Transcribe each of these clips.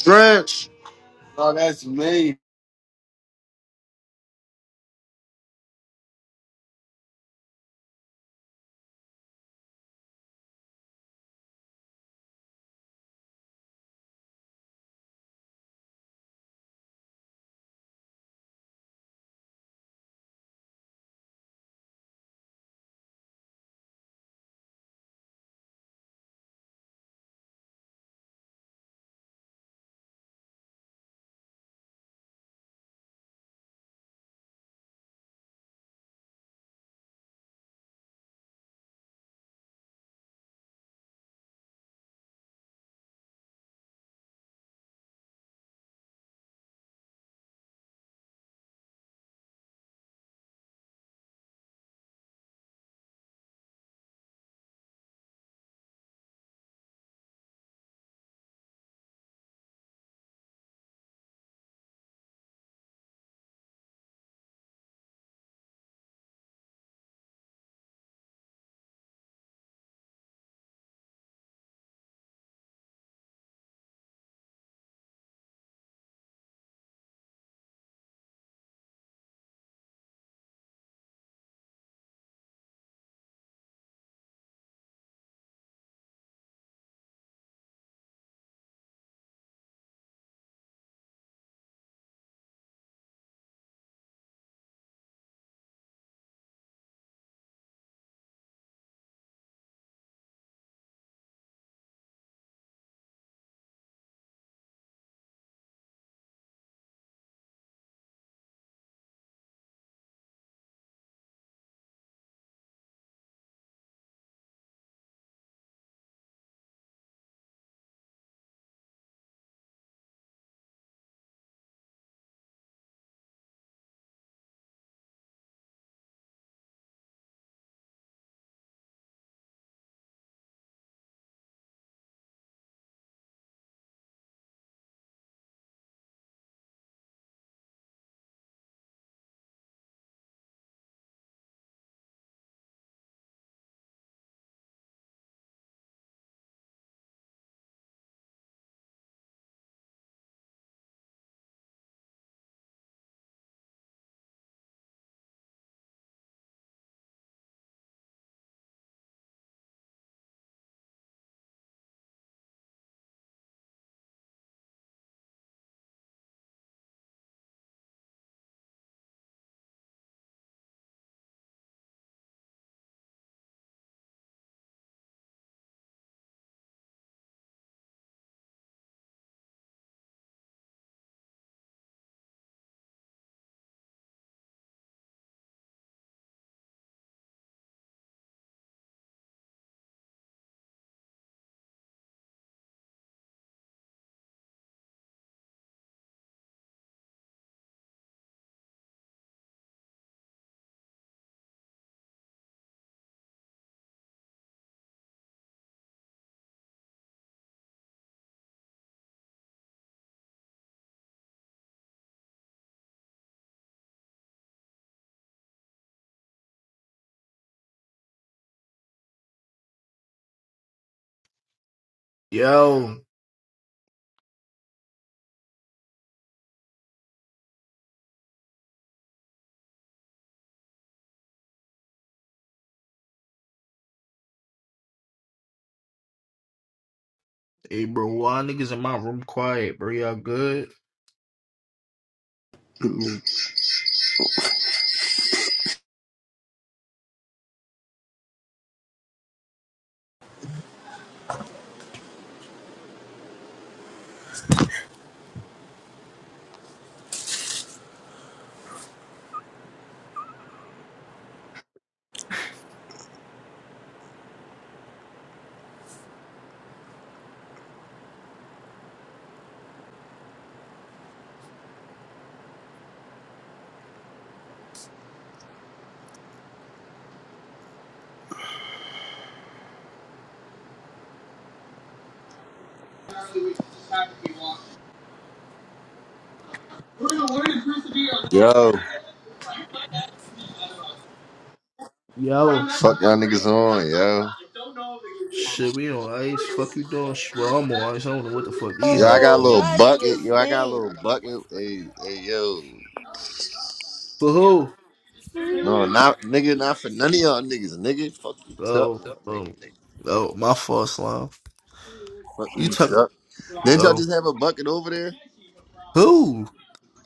Stretch. Oh, that's me. Yo. Hey, bro. Why niggas in my room quiet, bro? Y'all good? Yo, Yo, fuck y'all niggas on, yo. Shit, we on ice. Fuck you doing? Sh- Well, I'm on ice. I don't know what the fuck these Yo, I niggas got a Oh, doing. little y'all niggas bucket. Yo, I got a stink. little bucket. Hey, hey, yo. For who? No, not nigga, not for none of y'all niggas. Nigga, fuck you, tuck, Oh, one, oh, nigga. oh, my fault, slime. Fuck You you, talking? tuck. Didn't y'all Oh, just have a bucket over there? who?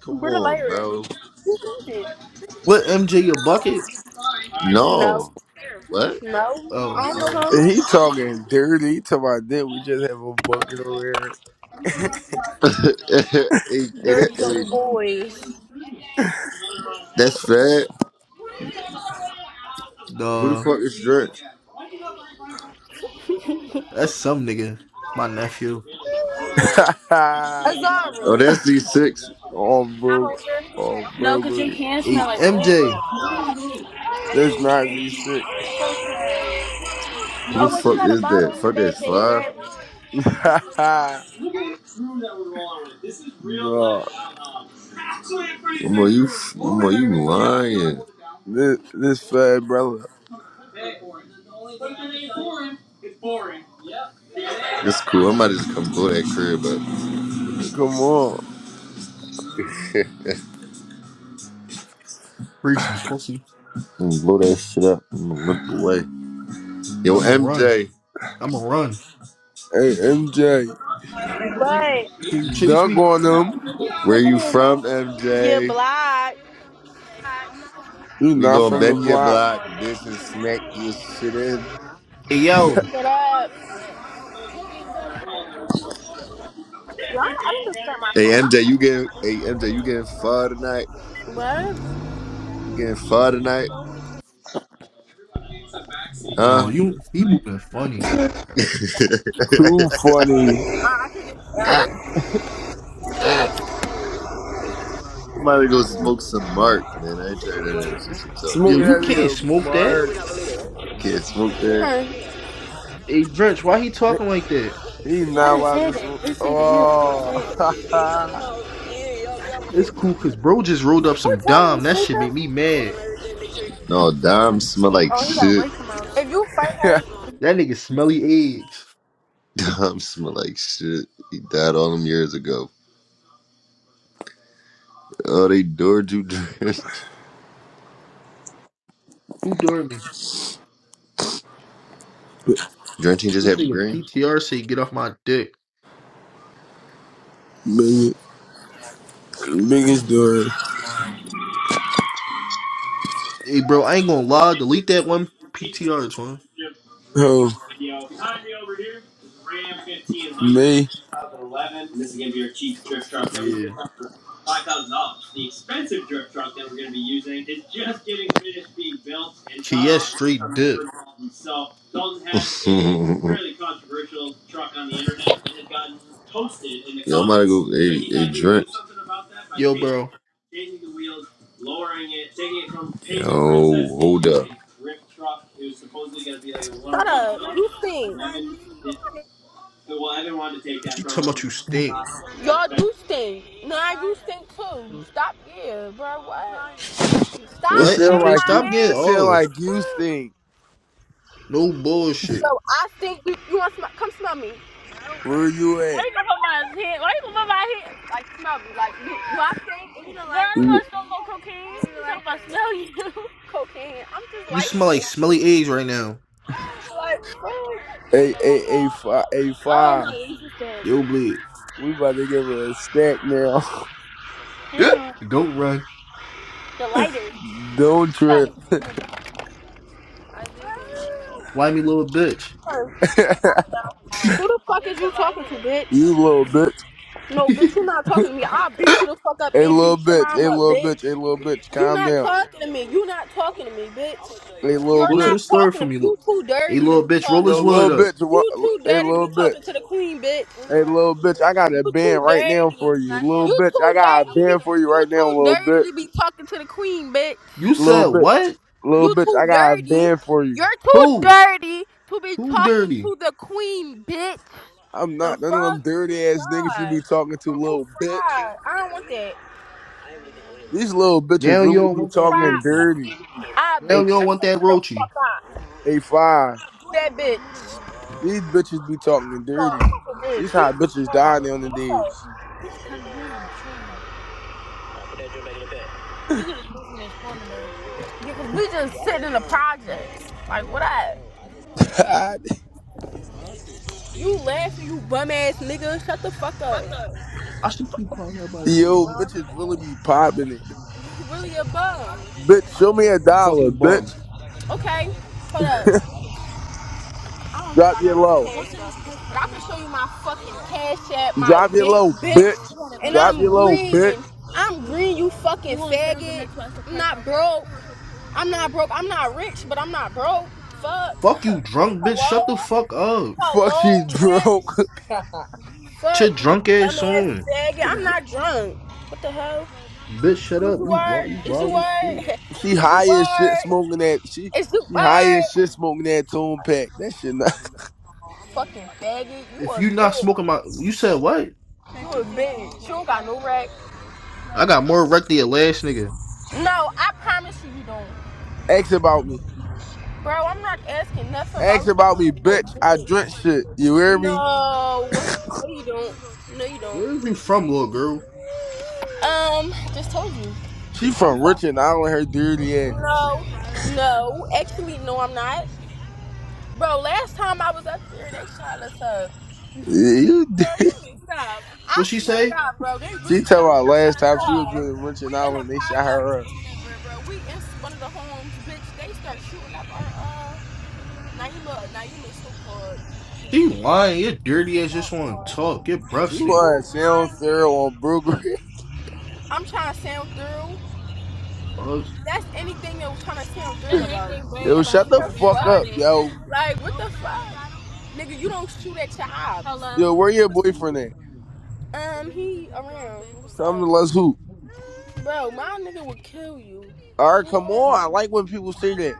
Come Where the on, lighter at? bro. What MJ your bucket? No, No. What? no. Oh, I don't know uh, them He talking dirty. He talking about that. We just have a bucket over hey, hey, that, Dirty little hey, boys. that's fat. Who the nah, fuck is Drench? that's some nigga. My nephew. here. Oh, Azara. that's D6. oh, bro. Oh, No, bro. because your hands smell Hey, like weed. MJ, This not Z6. Oh, Who the wait, she fuck got a is bottle that? in the Fuck bag that's that you five. grab it. no. Boy, you, boy, you lying. This, this fat brother. It's cool. I might just come blow that crib Come on. up. reach me, pussy. And blow that shit up and limp away. Yo, I'ma run. MJ, I'ma run. Hey, MJ. But, Can you chase Dunk me? on him. where you from, Get MJ? black. You We not gonna from the bend your block. block, bitch, and smack your shit in. Hey yo, shut up. Y'all, I need to stop Hey, my MJ, you getting? Hey, MJ, you getting far tonight? phone. What? You getting far tonight? Huh? no, you he moving funny. Too Yo, funny. Nah, I can't. I might to go smoke some Mark, man. I ain't tried none of that shit you talking Smoke you that about. can't nigga, smoke that. Mark. Can't smoke that. Hey Drench, why he talking like that? He's not allowed to smoke. Oh. It's cool cause bro just rolled up some dom. That shit make me mad. No, Dom smell like shit. If you fight her, That nigga smelly eggs. Dom smell like shit. He died all them years ago. Oh, they door you drenched. Who dared me? Drenching just This happened, nigga green. PTR say get off my dick. Biggest, biggest door. Hey bro, I ain't gonna lie, delete that one PTR, twin. Oh, me. Yeah. KS straight dip. Yo, bro. shut up. You stink. She talking about you stink. Y'all do stink. No, I do stink too. Stop. Yeah, bro. What? It Stop What, sound saying MJ? like Stop you. my getting It sound olives. like you name. think. No bullshit. So I think You, you want to smell? Come smell me. Where you Why at? you gonna put my head? Why you gonna put my head? Like smell me. Like you, you I stink. You know? not Girl, like I don't want like something to smell you. cocaine. I'm just You light smell like skinned. smelly eggs right now. Like A a a five a Oh no, five. it's Yo, bleed. We about to give her a snack now. Yeah. Don't run. the lighter. Don't trip. Whiny little bitch. you who the fuck is you talking to, bitch? little bitch. No, bitch, Go you not talking to me. I'll beat you the fuck up A and little beat your bitch. mom A up, little bitch. A bitch. little bitch. You Calm not down. talking to me. You not talking to me, bitch. A little You're to the not bitch. store talking for to me. me. You Look. too Hey, dirty to little be bitch, roll talking his Yo, to me. wood little up. bitch. You wha- too A dirty to little be bitch. talking to the queen, bitch. Hey, little bitch. I got You a band too right now dirty. for you, little You bitch. I too got a dirty to be. band for you You right now, too little dirty bitch. to be talking to the queen, bitch. You Little said bitch. what? Little You bitch. too I got a dirty. band for you. You're too Who? dirty to be Who talking dirty? to the queen, bitch. I'm The not none of them fuck? You dirty ass niggas you fried. be talking to, You little bitch. fried. I don't want that. These little bitches Now you really don't be You want that talking fried roachy. dirty. pussy. I Now A you bitch don't shut want that the roachy. fuck up. A five. Do that bitch. These bitches be talking Fuck, dirty. fuck a These bitch. He- hot bitches dying on the so, days. Because we just sitting in the project. Like what up? Stop it. You laughing, you bum ass nigga. Shut the fuck up. I should keep calling everybody a Yo, bum. bitches really be popping it. really a bum. Bitch, show me a Ain't no dollar, fucking bum. bitch. Okay, hold up. Drop your low. I can show you my fucking cash app, my Drop your big low, bitch. bitch, and Drop your I'm low, green. bitch. I'm green, you fucking faggot. I'm not broke. I'm not broke. I'm not rich, but I'm not broke. Fuck. Fuck you, drunk bitch. Shut the Hello? fuck up. Fuck, she's Hello, bitch. broke. Fuck, Shit, you drunk ass dumbass on. faggot. I'm not drunk. What the hell? Bitch, shut Is up. you You word? wild, you Is you wild as shit. word? she Is you high as shit word? smoking that. She Is you she high as word? shit smoking that tune pack. That shit. Not, Fucking faggot. You If a you not bitch. smoking my, you said what? You a bitch. You don't got no rack. I got more wreck than your last nigga. No, I promise you, you don't. ask about me. Bro, I'm not asking nothing about Ask about me, you. bitch. I drink shit. You hear me? No. No, you don't. No, you don't. Where is you from, little girl? Um, I just told you. She from Richmond Island, her dirty ass. No. No. Actually, no, I'm not. Bro, last time I was up there, they shot us up. Yeah, You, d- Girl, you mixed up. I What she swear to say? God, bro, they she really tell shot. my They shot last us time she was up. in We Richmond in a Island, they shot project, her up. bro. We in one of the homes, bitch. They start shooting up our. Uh, now you look. Now you look so good. She lying. You're dirty as just want to talk. Your breath She stink. was sound Sarah on Brooklyn. I'm trying to sail through. Oh, That's anything that was trying to sound real about. Yo, Like, shut the what the fuck? fuck up, yo. Like, what the fuck? Nigga, you don't shoot at your eye. Hello. Yo, where your boyfriend at? Um, he around. What's Tell him to up? let's hoop. Bro, my nigga would kill you. All right, come on. I like when people say that.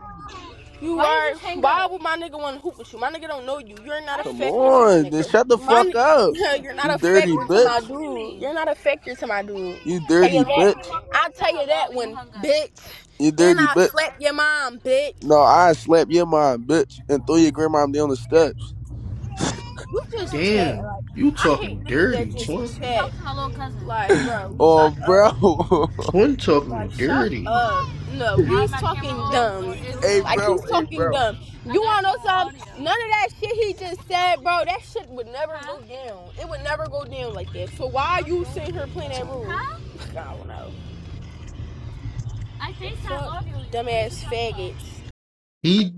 You Why are. you Why up? would my nigga want to hoop with you? My nigga don't know you. You're not Why a Come factor to my on, then nigga. shut the My, fuck up. you're not You a dirty factor to bitch. my dude. You're not a factor to my dude. You Tell you dirty bitch. that. I tell you that one, bitch. You And dirty I bitch. slap your mom, bitch. No, I slap your mom, bitch, and throw your grandma down the steps. You just chat. damn. Like, You I hate talking niggas that dirty, just twin. chat. Talk to my little cousin. Like, bro, Oh, shut bro. up. Twin Like, talking shut dirty. up. No, he's talking dumb. hey, Like, bro. he's Hey, talking bro. dumb. You want to know something? None of that shit he just said, bro, that shit would never Huh? go down. It would never go down like that. So why are you sitting here playing that See? rule? Huh? I don't know. I FaceTime Fuck audio. you. dumbass faggots. he